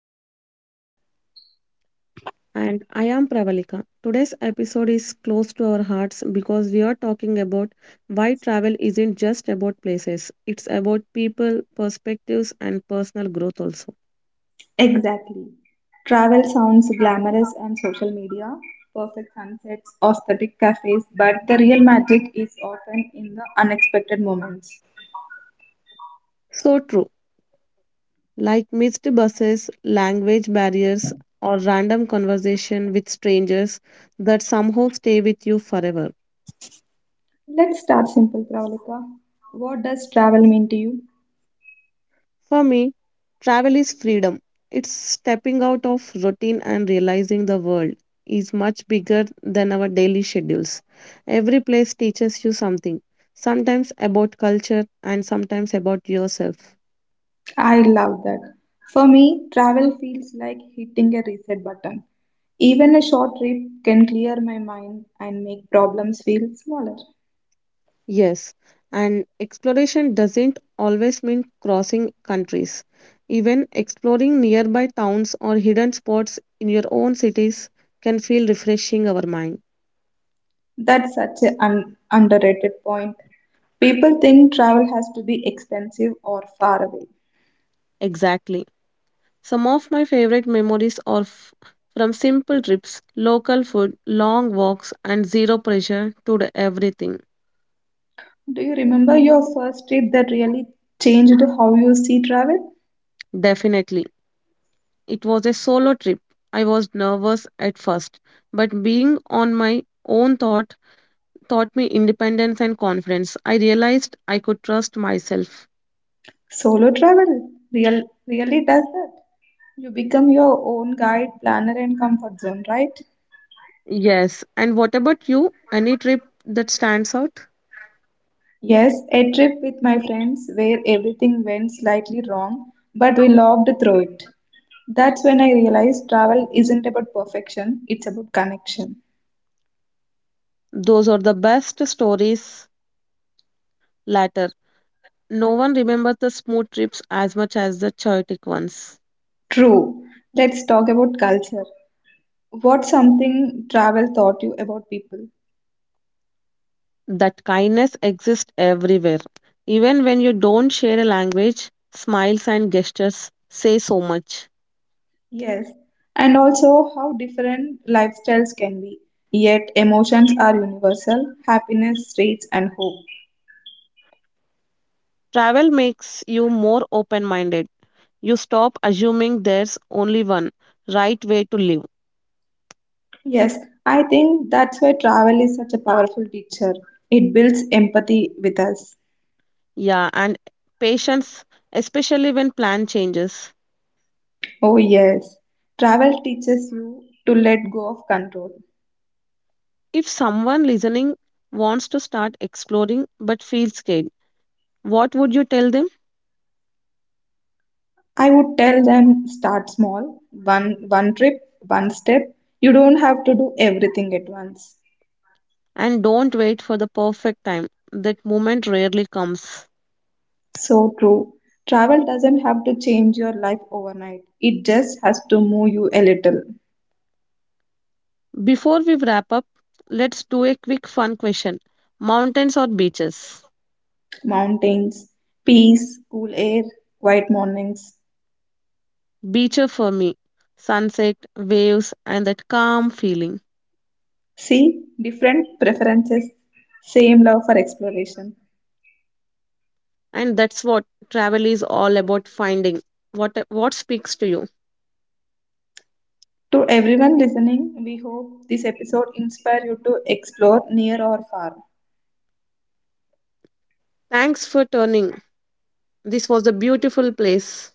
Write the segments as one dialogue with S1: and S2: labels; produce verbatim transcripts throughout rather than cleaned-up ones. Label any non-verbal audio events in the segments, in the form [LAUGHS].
S1: I am Shravani.
S2: And I am Pravalika. Today's episode is close to our hearts because we are talking about why travel isn't just about places, it's about people, perspectives, and personal growth also.
S1: Exactly. Travel sounds glamorous on social media, perfect sunsets, aesthetic cafes, but the real magic is often in the unexpected moments.
S2: So true. Like missed buses, language barriers, or random conversation with strangers that somehow stay with you forever.
S1: Let's start simple, Pravalika. What does travel mean to you?
S2: For me, travel is freedom. It's stepping out of routine and realizing the world is much bigger than our daily schedules. Every place teaches you something, sometimes about culture and sometimes about yourself.
S1: I love that. For me, travel feels like hitting a reset button. Even a short trip can clear my mind and make problems feel smaller.
S2: Yes, and exploration doesn't always mean crossing countries. Even exploring nearby towns or hidden spots in your own cities can feel refreshing our mind.
S1: That's such an un- underrated point. People think travel has to be expensive or far away.
S2: Exactly. Some of my favorite memories are f- from simple trips, local food, long walks, and zero pressure to do everything.
S1: Do you remember your first trip that really changed how you see travel?
S2: Definitely. It was a solo trip. I was nervous at first, but being on my own thought taught me independence and confidence. I realized I could trust myself.
S1: Solo travel real, really does that. You become your own guide, planner, and comfort zone, right?
S2: Yes. And what about you? Any trip that stands out?
S1: Yes, a trip with my friends where everything went slightly wrong, but we loved through it. That's when I realized travel isn't about perfection, it's about connection.
S2: Those are the best stories later. No one remembers the smooth trips as much as the chaotic ones.
S1: True. Let's talk about culture. What's something travel taught you about people?
S2: That kindness exists everywhere. Even when you don't share a language, smiles and gestures say so much.
S1: Yes. And also how different lifestyles can be. Yet emotions are universal happiness, rage, and hope.
S2: Travel makes you more open minded. You stop assuming there's only one right way to live.
S1: Yes, I think that's why travel is such a powerful teacher. It builds empathy with us.
S2: Yeah, and patience, especially when plan changes.
S1: Oh, yes. Travel teaches you to let go of control.
S2: If someone listening wants to start exploring but feels scared, what would you tell them?
S1: I would tell them start small, one one trip, one step. You don't have to do everything at once.
S2: And don't wait for the perfect time. That moment rarely comes.
S1: So true. Travel doesn't have to change your life overnight. It just has to move you a little.
S2: Before we wrap up, let's do a quick fun question. Mountains or beaches?
S1: Mountains, peace, cool air, quiet mornings.
S2: Beach for me. Sunset, waves, and that calm feeling.
S1: See, different preferences, same love for exploration.
S2: And that's what travel is all about finding. What what speaks to you?
S1: To everyone listening, we hope this episode inspire you to explore near or far.
S2: Thanks for turning. This was a beautiful place.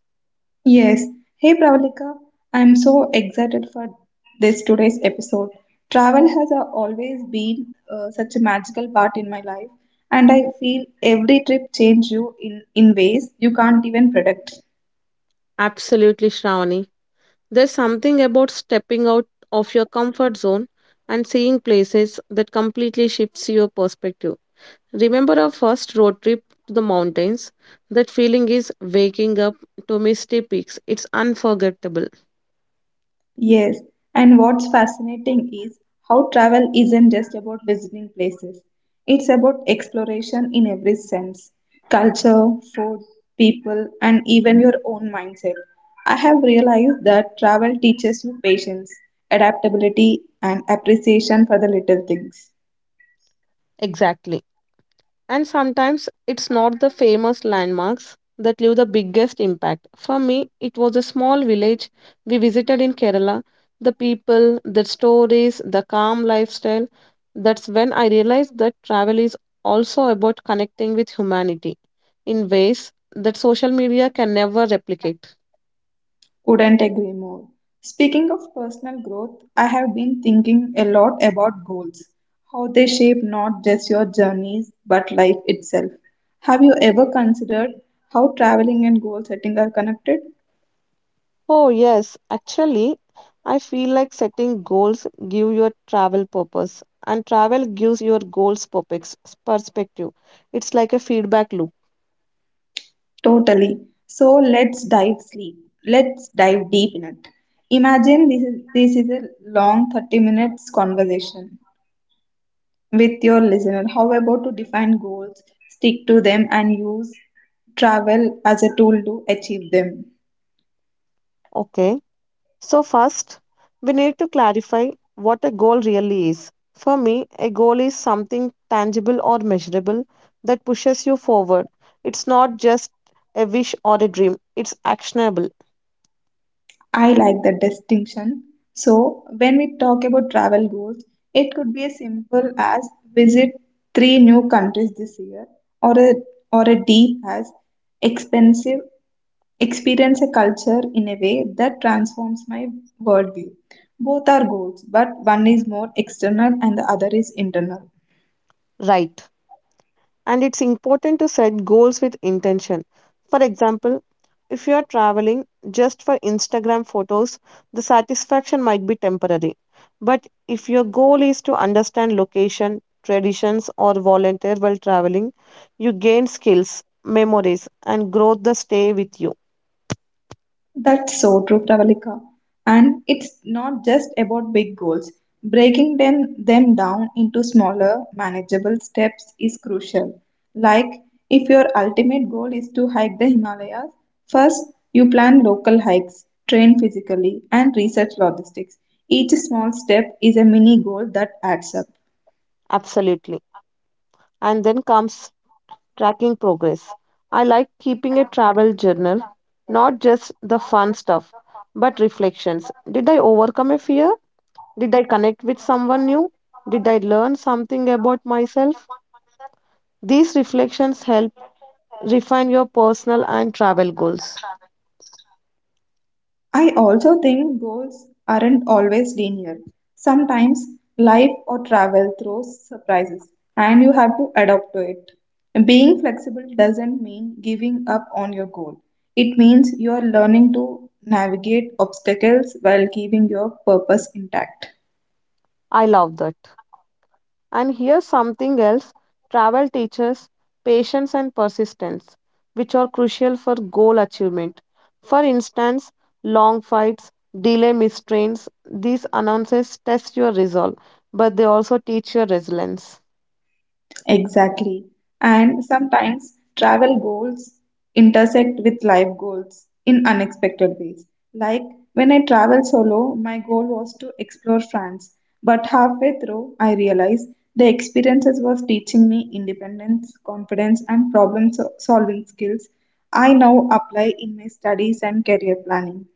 S1: Yes. Hey Pravalika, I'm so excited for this today's episode. Travel has uh, always been uh, such a magical part in my life and I feel every trip changes you in, in ways you can't even predict.
S2: Absolutely, Shravani. There's something about stepping out of your comfort zone and seeing places that completely shifts your perspective. Remember our first road trip to the mountains? That feeling is waking up to misty peaks. It's unforgettable.
S1: Yes, and what's fascinating is how travel isn't just about visiting places. It's about exploration in every sense culture, food, people, and even your own mindset. I have realized that travel teaches you patience, adaptability, and appreciation for the little things.
S2: Exactly. And sometimes it's not the famous landmarks that leave the biggest impact. For me, it was a small village we visited in Kerala. The people, the stories, the calm lifestyle. That's when I realized that travel is also about connecting with humanity in ways that social media can never replicate.
S1: Couldn't agree more. Speaking of personal growth, I have been thinking a lot about goals, how they shape not just your journeys but life itself. Have you ever considered how traveling and goal setting are connected?
S2: Oh, yes. Actually, I feel like setting goals give your travel purpose, and travel gives your goals purpose, perspective. It's like a feedback loop.
S1: Totally. So let's dive sleep. Let's dive deep in it. Imagine this is this is a long thirty minutes conversation with your listener. However, to define goals, stick to them, and use travel as a tool to achieve them.
S2: Okay. So first, we need to clarify what a goal really is. For me, a goal is something tangible or measurable that pushes you forward. It's not just a wish or a dream. It's actionable,
S1: I like that distinction. So, when we talk about travel goals, it could be as simple as visit three new countries this year, or a or a deep as expensive experience a culture in a way that transforms my worldview. Both are goals, but one is more external and the other is internal.
S2: right? And it's important to set goals with intention. For example, if you are traveling just for Instagram photos, the satisfaction might be temporary. But if your goal is to understand location, traditions, or volunteer while traveling, you gain skills, memories, and growth that stay with you.
S1: That's so true, Pravalika. And it's not just about big goals. Breaking them, them down into smaller, manageable steps is crucial. Like, if your ultimate goal is to hike the Himalayas, first you plan local hikes, train physically, and research logistics. Each small step is a mini goal that adds up.
S2: Absolutely. And then comes tracking progress. I like keeping a travel journal, not just the fun stuff, but reflections. Did I overcome a fear? Did I connect with someone new? Did I learn something about myself? These reflections help refine your personal and travel goals.
S1: I also think goals aren't always linear. Sometimes life or travel throws surprises and you have to adapt to it. Being flexible doesn't mean giving up on your goal. It means you are learning to navigate obstacles while keeping your purpose intact.
S2: I love that. And here's something else travel teaches patience and persistence, which are crucial for goal achievement. For instance, long fights, delay mistrains, these announces test your resolve, but they also teach your resilience.
S1: Exactly. And sometimes travel goals intersect with life goals in unexpected ways. Like when I travel solo, my goal was to explore France, but halfway through, I realized the experiences was teaching me independence, confidence, and problem so- solving skills I now apply in my studies and career planning.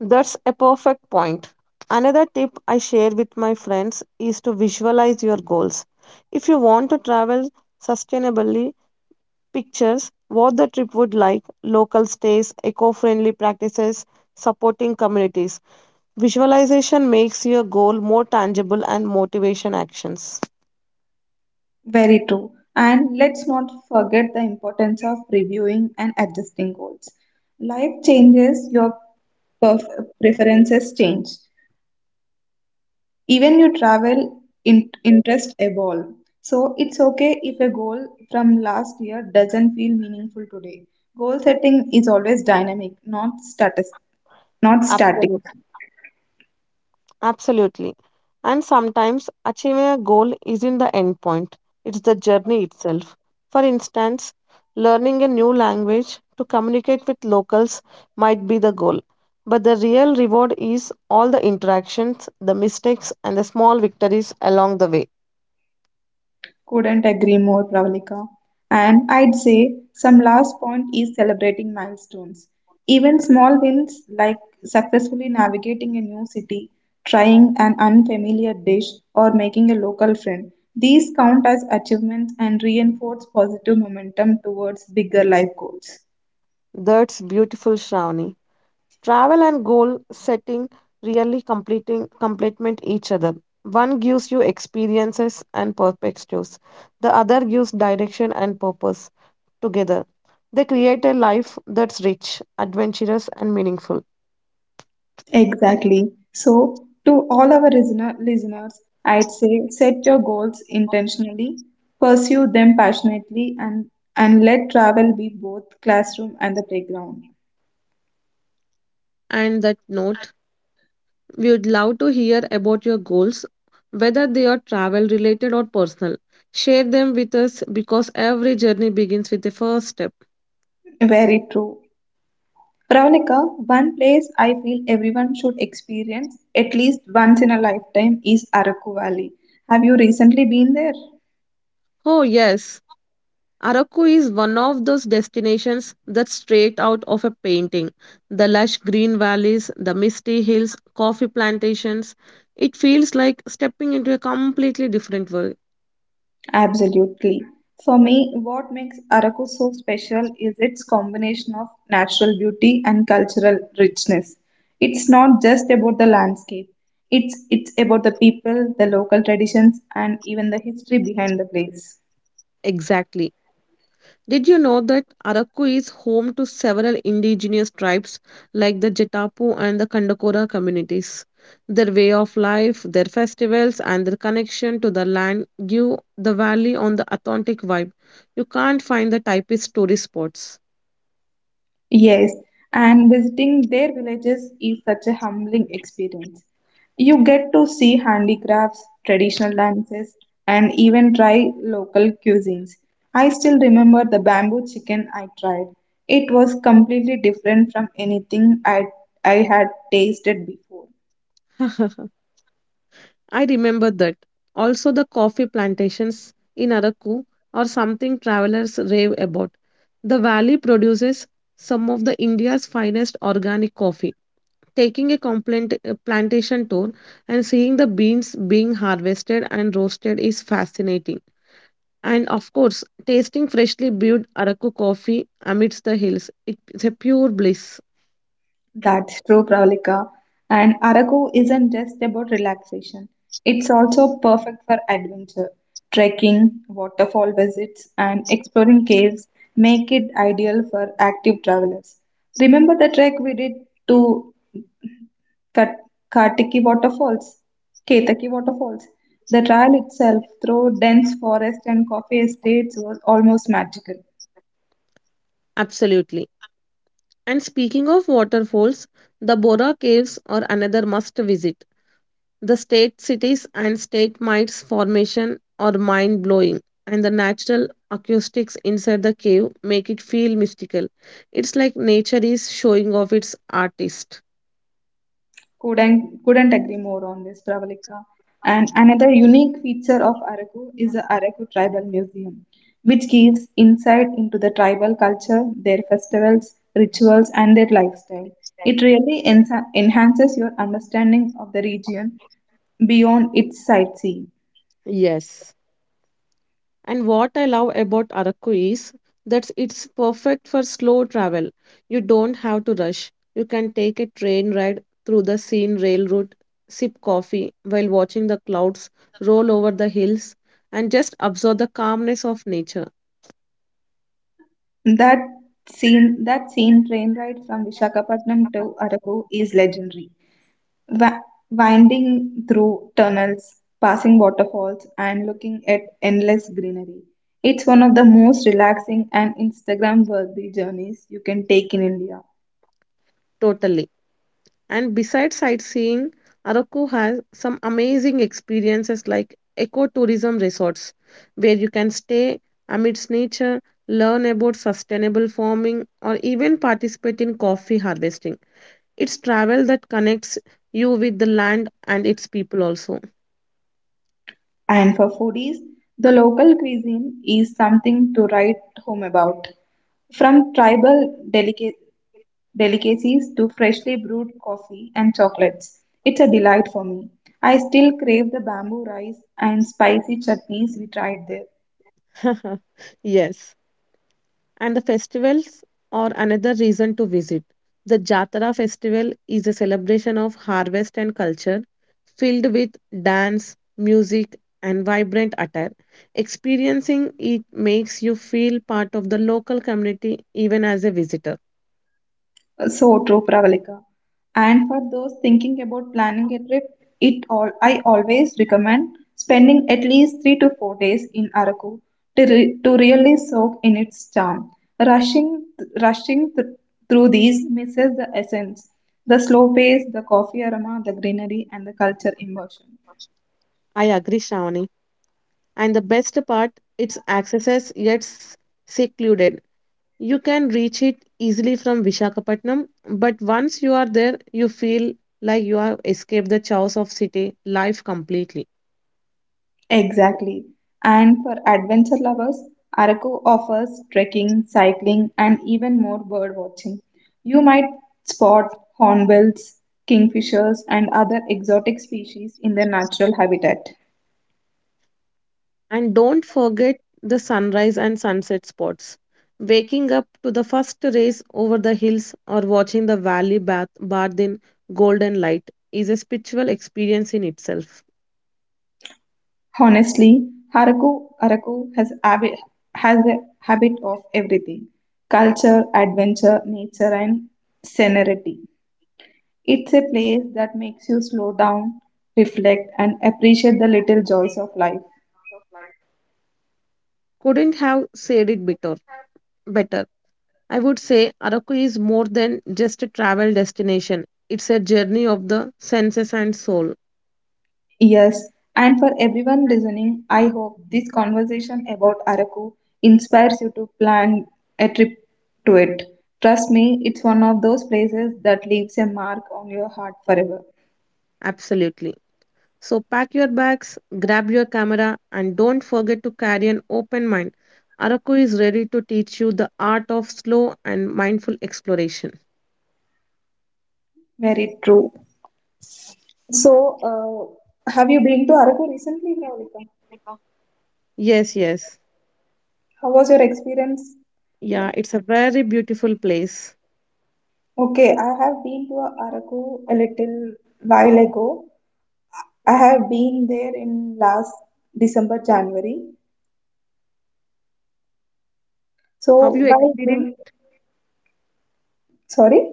S2: That's a perfect point. Another tip I share with my friends is to visualize your goals. If you want to travel sustainably, pictures what the trip would like, local stays, eco friendly practices, supporting communities. Visualization makes your goal more tangible and motivation actions.
S1: Very true. And let's not forget the importance of reviewing and adjusting goals. Life changes, your perf- preferences change. Even your travel in- interest evolve. So it's okay if a goal from last year doesn't feel meaningful today. Goal setting is always dynamic, not status, not static.
S2: Absolutely. Absolutely. And sometimes achieving a goal isn't the end point, it's the journey itself. For instance, learning a new language to communicate with locals might be the goal, but the real reward is all the interactions, the mistakes, and the small victories along the way.
S1: Couldn't agree more, Pravalika. And I'd say some last point is celebrating milestones. Even small wins like successfully navigating a new city, trying an unfamiliar dish, or making a local friend. These count as achievements and reinforce positive momentum towards bigger life goals.
S2: That's beautiful, Shravani. Travel and goal setting really completing complement each other. One gives you experiences and perspectives. The other gives direction and purpose. Together, they create a life that's rich, adventurous, and meaningful.
S1: Exactly. So, to all our listener, listeners, I'd say set your goals intentionally, pursue them passionately, and, and let travel be both classroom and the playground.
S2: And that note, we would love to hear about your goals, whether they are travel related or personal. Share them with us because every journey begins with a first step.
S1: Very true. Pravalika, one place I feel everyone should experience at least once in a lifetime is Araku Valley. Have you recently been there?
S2: Oh, yes. Araku is one of those destinations that's straight out of a painting. The lush green valleys, the misty hills, coffee plantations. It feels like stepping into a completely different world.
S1: Absolutely. For me, what makes Araku so special is its combination of natural beauty and cultural richness. It's not just about the landscape. It's it's about the people, the local traditions, and even the history behind the place.
S2: Exactly. Did you know that Araku is home to several indigenous tribes like the Jetapu and the Kandakora communities? Their way of life, their festivals, and their connection to the land give the valley on the authentic vibe. You can't find the typist tourist spots.
S1: Yes, and visiting their villages is such a humbling experience. You get to see handicrafts, traditional dances, and even try local cuisines. I still remember the bamboo chicken I tried. It was completely different from anything I, I had tasted before.
S2: [LAUGHS] I remember that. Also, the coffee plantations in Araku are something travelers rave about. The valley produces some of the India's finest organic coffee. Taking a complaint, a plantation tour and seeing the beans being harvested and roasted is fascinating. And of course, tasting freshly brewed Araku coffee amidst the hills, it's a pure bliss.
S1: That's true, Pravalika. And Araku isn't just about relaxation, it's also perfect for adventure. Trekking, waterfall visits, and exploring caves make it ideal for active travelers. Remember the trek we did to Kat- Katiki Waterfalls? Ketaki Waterfalls. The trail itself, through dense forest and coffee estates, was almost magical.
S2: Absolutely. And speaking of waterfalls, the Bora Caves are another must visit. The state cities and state mites formation are mind blowing, and the natural acoustics inside the cave make it feel mystical. It's like nature is showing off its artist.
S1: Couldn't, couldn't agree more on this, Pravalika. And another unique feature of Araku is the Araku Tribal Museum, which gives insight into the tribal culture, their festivals, rituals, and their lifestyle. It really ensa- enhances your understanding of the region beyond its sightseeing.
S2: Yes. And what I love about Araku is that it's perfect for slow travel. You don't have to rush. You can take a train ride through the scene railroad, sip coffee while watching the clouds roll over the hills, and just observe the calmness of nature.
S1: That scene, that scene train ride from Vishakhapatnam to Araku is legendary. wa- Winding through tunnels, passing waterfalls, and looking at endless greenery. It's one of the most relaxing and Instagram worthy journeys you can take in India.
S2: Totally. And besides sightseeing, Araku has some amazing experiences like ecotourism resorts, where you can stay amidst nature, learn about sustainable farming, or even participate in coffee harvesting. It's travel that connects you with the land and its people also.
S1: And for foodies, the local cuisine is something to write home about. From tribal delica- delicacies to freshly brewed coffee and chocolates, it's a delight for me. I still crave the bamboo rice and spicy chutneys we tried there.
S2: [LAUGHS] Yes. And the festivals are another reason to visit. The Jatara festival is a celebration of harvest and culture, filled with dance, music, and vibrant attire. Experiencing it makes you feel part of the local community even as a visitor.
S1: So true, Pravalika. And for those thinking about planning a trip, it all I always recommend spending at least three to four days in Araku to, re, to really soak in its charm. Rushing rushing th- Through these misses the essence, the slow pace, the coffee aroma, the greenery, and the culture immersion.
S2: I agree, Shravani. And the best part, it's accesses yet s- secluded. You can reach it easily from Vishakhapatnam, but once you are there, you feel like you have escaped the chaos of city life completely.
S1: Exactly. And for adventure lovers, Araku offers trekking, cycling, and even more bird watching. You might spot hornbills, kingfishers, and other exotic species in their natural habitat.
S2: And don't forget the sunrise and sunset spots. Waking up to the first rays over the hills or watching the valley bath bathed in golden light is a spiritual experience in itself.
S1: Honestly, Haraku Araku has, abi- has a habit of everything culture, adventure, nature, and scenery. It's a place that makes you slow down, reflect, and appreciate the little joys of life.
S2: Couldn't have said it better. Better. I would say Araku is more than just a travel destination. It's a journey of the senses and soul.
S1: Yes, and for everyone listening, I hope this conversation about Araku inspires you to plan a trip to it. Trust me, it's one of those places that leaves a mark on your heart forever.
S2: Absolutely. So pack your bags, grab your camera, and don't forget to carry an open mind. Araku is ready to teach you the art of slow and mindful exploration.
S1: Very true. So, uh, have you been to Araku recently, Pravalika?
S2: Yes, yes.
S1: How was your experience?
S2: Yeah, it's a very beautiful place.
S1: Okay, I have been to Araku a little while ago. I have been there in last December, January.
S2: Have you
S1: So, by June,
S2: experienced?
S1: sorry?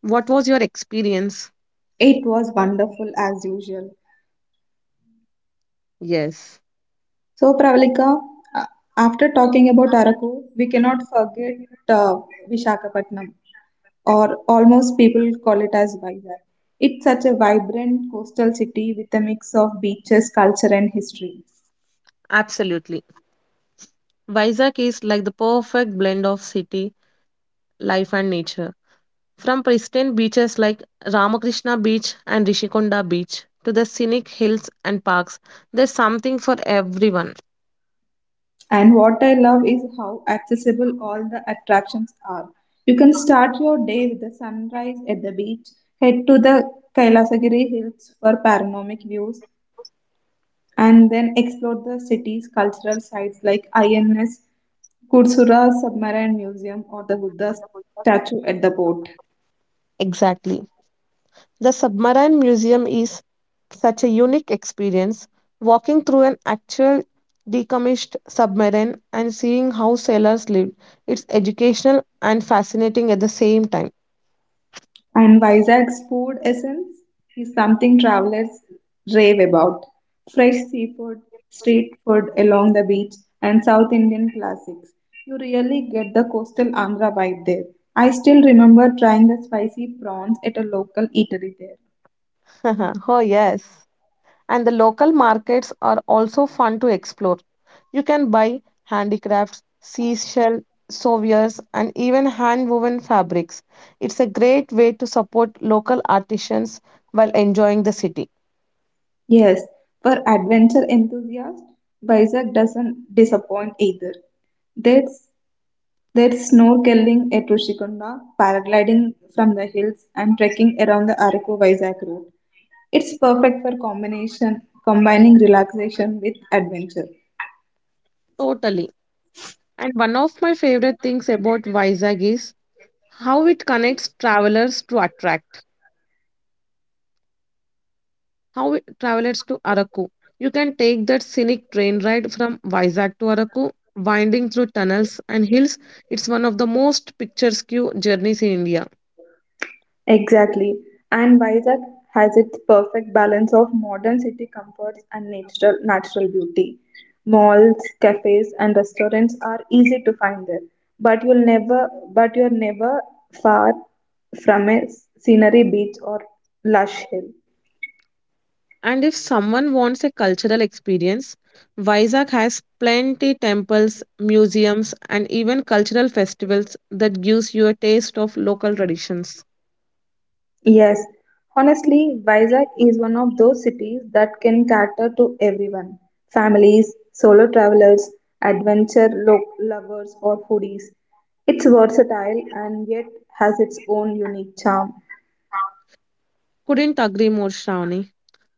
S2: What was your experience?
S1: It was wonderful as usual.
S2: Yes,
S1: So, Pravalika, uh, after talking about Araku, we cannot forget uh, Vishakhapatnam, or almost people call it as Vizag. It's such a vibrant coastal city with a mix of beaches, culture, and history.
S2: absolutely. Vizag is like the perfect blend of city life and nature. From pristine beaches like Ramakrishna Beach and Rishikonda Beach to the scenic hills and parks, there's something for everyone.
S1: And what I love is how accessible all the attractions are. You can start your day with the sunrise at the beach, head to the Kailasagiri Hills for panoramic views, and then explored the city's cultural sites like I N S Kursura Submarine Museum or the Buddha statue at the port.
S2: Exactly. The Submarine Museum is such a unique experience. Walking through an actual decommissioned submarine and seeing how sailors lived, it's educational and fascinating at the same time.
S1: And Vizag's food essence is something travelers rave about. Fresh seafood, street food along the beach, and South Indian classics. You really get the coastal Andhra vibe there. I still remember trying the spicy prawns at a local eatery there.
S2: [LAUGHS] Oh, yes. And the local markets are also fun to explore. You can buy handicrafts, seashell souvenirs, and even hand woven fabrics. It's a great way to support local artisans while enjoying the city.
S1: Yes, for adventure enthusiasts, Vizag doesn't disappoint either. There's, there's snorkeling at Rushikonda, paragliding from the hills, and trekking around the Araku Vizag route. It's perfect for combination combining relaxation with adventure.
S2: Totally. And one of my favorite things about Vizag is how it connects travelers to attract. How it, travelers to Araku. You can take that scenic train ride from Vizag to Araku, winding through tunnels and hills. It's one of the most picturesque journeys in India.
S1: Exactly. And Vizag has its perfect balance of modern city comforts and natural natural beauty. Malls, cafes and restaurants are easy to find there. But you'll never but you're never far from a scenery beach or lush hill.
S2: And if someone wants a cultural experience, Vizag has plenty temples, museums, and even cultural festivals that gives you a taste of local traditions.
S1: Yes, honestly, Vizag is one of those cities that can cater to everyone families, solo travelers, adventure lo- lovers, or foodies. It's versatile and yet has its own unique charm.
S2: Couldn't agree more, Shravani.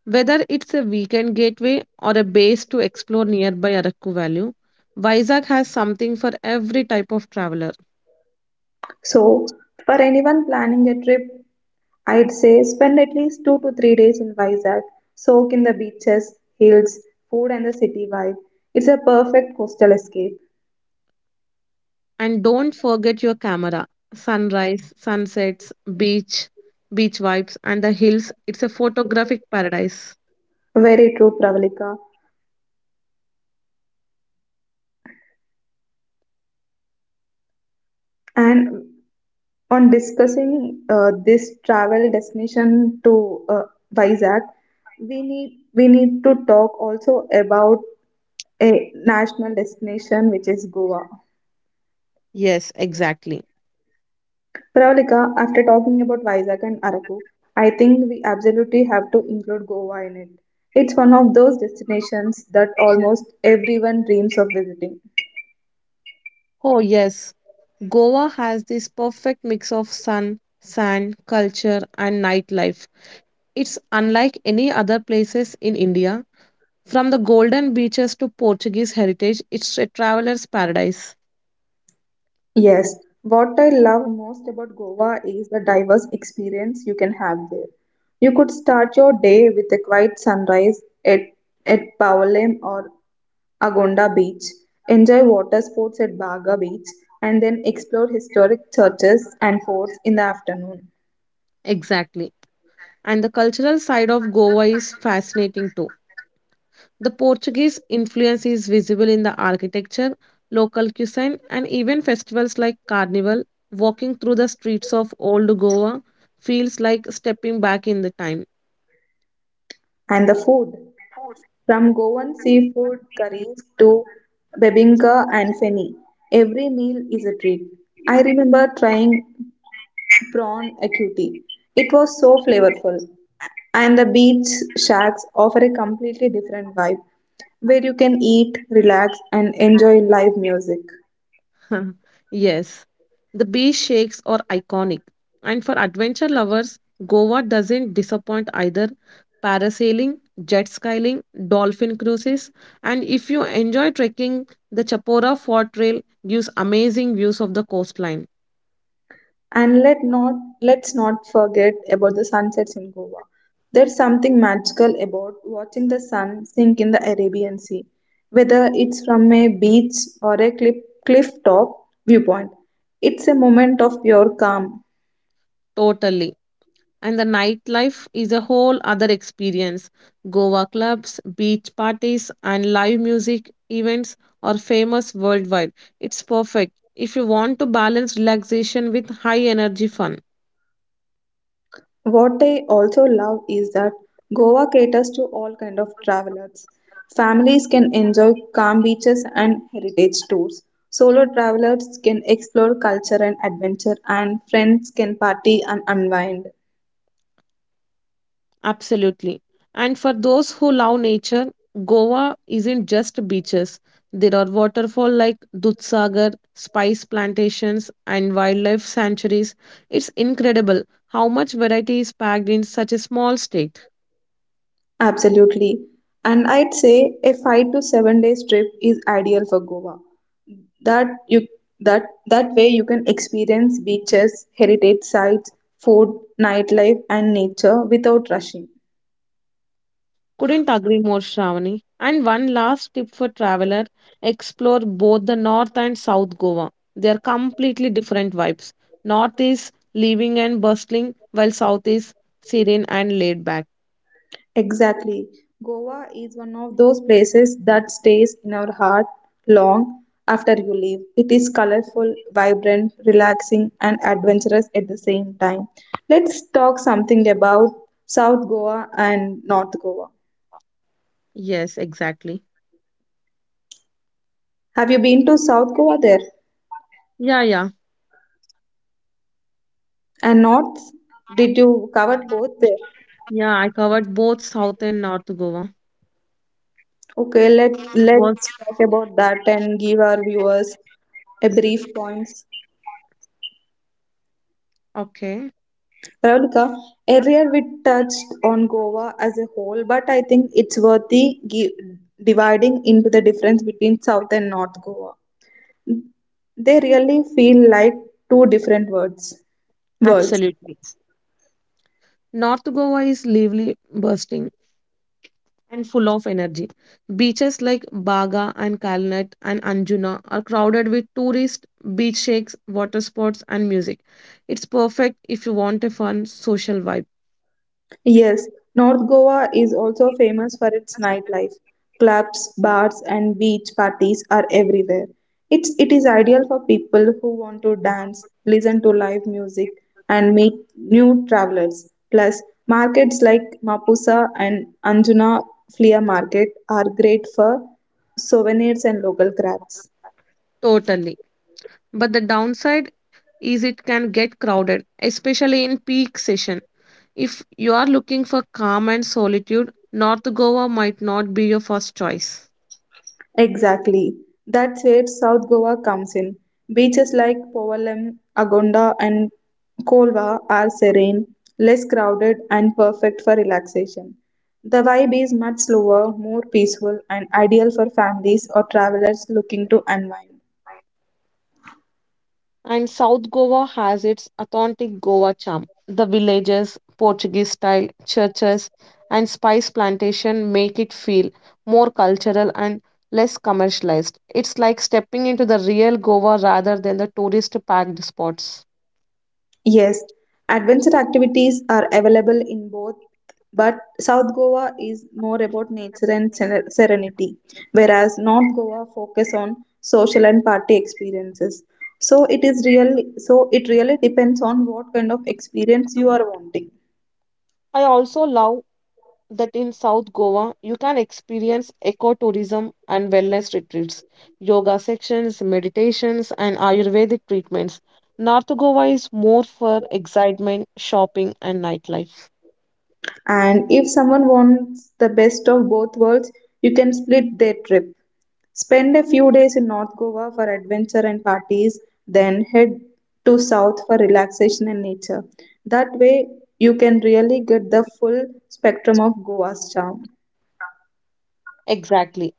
S2: Whether it's a weekend gateway or a base to explore nearby Arakku Valley, Vizag has something for every type of traveler.
S1: So, for anyone planning a trip, I'd say spend at least two to three days in Vizag, soak in the beaches, hills, food, and the city vibe. It's a perfect coastal escape.
S2: And don't forget your camera. Sunrise, sunsets, beach, beach vibes, and the hills. It's a photographic paradise.
S1: Very true, Pravalika. And on discussing uh, this travel destination to uh, Vizag, we need we need to talk also about a national destination which is Goa.
S2: Yes, exactly.
S1: Pravalika, after talking about Vizag and Araku, I think we absolutely have to include Goa in it. It's one of those destinations that almost everyone dreams of visiting.
S2: Oh, yes. Goa has this perfect mix of sun, sand, culture, and nightlife. It's unlike any other places in India. From the golden beaches to Portuguese heritage, it's a traveler's paradise.
S1: Yes, what I love most about Goa is the diverse experience you can have there. You could start your day with a quiet sunrise at, at Pavalem or Agonda Beach, enjoy water sports at Baga Beach, and then explore historic churches and forts in the afternoon.
S2: Exactly. And the cultural side of Goa is fascinating too. The Portuguese influence is visible in the architecture, local cuisine, and even festivals like Carnival. Walking through the streets of Old Goa feels like stepping back in the time.
S1: And the food, from Goan seafood curries to bebinka and feni, every meal is a treat. I remember trying prawn acuity. It was so flavorful. And the beach shacks offer a completely different vibe where you can eat, relax, and enjoy live music.
S2: [LAUGHS] Yes, the beach shakes are iconic, and for adventure lovers, Goa doesn't disappoint either. Parasailing, jet skiing, dolphin cruises, and if you enjoy trekking, the Chapora Fort Trail gives amazing views of the coastline.
S1: And let not let's not forget about the sunsets in Goa. There's something magical about watching the sun sink in the Arabian Sea, whether it's from a beach or a cliff, cliff top viewpoint. It's a moment of pure calm.
S2: Totally. And the nightlife is a whole other experience. Goa clubs, beach parties, and live music events are famous worldwide. It's perfect if you want to balance relaxation with high energy fun.
S1: What I also love is that Goa caters to all kind of travelers. Families can enjoy calm beaches and heritage tours. Solo travelers can explore culture and adventure and friends can party and unwind.
S2: Absolutely. And for those who love nature, Goa isn't just beaches. There are waterfall like Dudhsagar, spice plantations, and wildlife sanctuaries. It's incredible how much variety is packed in such a small state.
S1: Absolutely. And I'd say a five to seven days trip is ideal for Goa. That you that that way you can experience beaches, heritage sites, food, nightlife and nature without rushing.
S2: Couldn't agree more, Shravani. And one last tip for traveler, explore both the north and south Goa. They are completely different vibes. North is living and bustling, while south is serene and laid back.
S1: Exactly. Goa is one of those places that stays in our heart long after you leave. It is colorful, vibrant, relaxing, and adventurous at the same time. Let's talk something about South Goa and North Goa.
S2: Yes, exactly.
S1: Have you been to South Goa there?
S2: Yeah, yeah.
S1: And North? Did you cover both there?
S2: Yeah, I covered both South and North Goa.
S1: Okay, let
S2: It was
S1: let's talk about that and give our viewers a brief points.
S2: okay.
S1: Radhika, earlier we touched on Goa as a whole, but I think it's worthy gi- dividing into the difference between South and North Goa. They really feel like two different words. Worlds.
S2: Absolutely. North Goa is lively, bursting, and full of energy. Beaches like Baga and Kalnet and Anjuna are crowded with tourists, beach shakes, water sports, and music. It's perfect if you want a fun social vibe.
S1: Yes, North Goa is also famous for its nightlife. Clubs, bars, and beach parties are everywhere. It's, it is ideal for people who want to dance, listen to live music, and meet new travelers. Plus, markets like Mapusa and Anjuna Flea Market are great for souvenirs and local crafts.
S2: Totally. But the downside is it can get crowded, especially in peak session. If you are looking for calm and solitude, North Goa might not be your first choice.
S1: Exactly. That's where South Goa comes in. Beaches like Povalam, Agonda, and Kolva are serene, less crowded, and perfect for relaxation. The vibe is much slower, more peaceful, and ideal for families or travelers looking to unwind.
S2: And South Goa has its authentic Goa charm. The villages, Portuguese style churches, and spice plantation make it feel more cultural and less commercialized. It's like stepping into the real Goa rather than the tourist packed spots.
S1: Yes, adventure activities are available in both, but South Goa is more about nature and seren- serenity, whereas North Goa focus on social and party experiences. So it is really so it really depends on what kind of experience you are wanting.
S2: I also love that in South Goa, you can experience ecotourism and wellness retreats, yoga sections, meditations, and Ayurvedic treatments. North Goa is more for excitement, shopping, and nightlife.
S1: And if someone wants the best of both worlds, you can split their trip. Spend a few days in North Goa for adventure and parties, then head to South for relaxation and nature. That way, you can really get the full spectrum of Goa's charm.
S2: Exactly.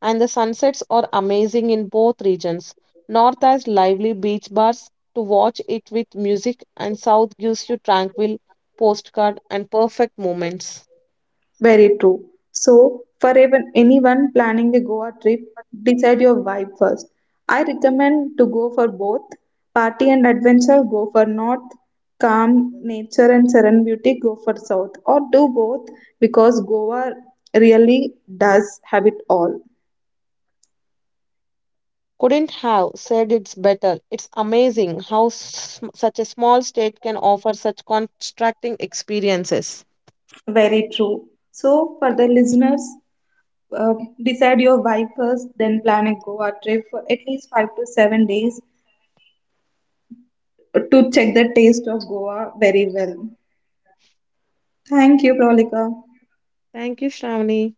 S2: And the sunsets are amazing in both regions. North has lively beach bars to watch it with music, and South gives you tranquil postcard and perfect moments.
S1: Very true. So, for even anyone planning a Goa trip, decide your vibe first. I recommend to go for both party and adventure, go for north, calm nature and serene beauty, go for south, or do both because Goa really does have it all.
S2: Couldn't have said it's better. It's amazing how s- such a small state can offer such contrasting experiences.
S1: Very true. So, for the listeners, uh, decide your vibe first, then plan a Goa trip for at least five to seven days to check the taste of Goa very well. Thank you, Prolika.
S2: Thank you, Shravani.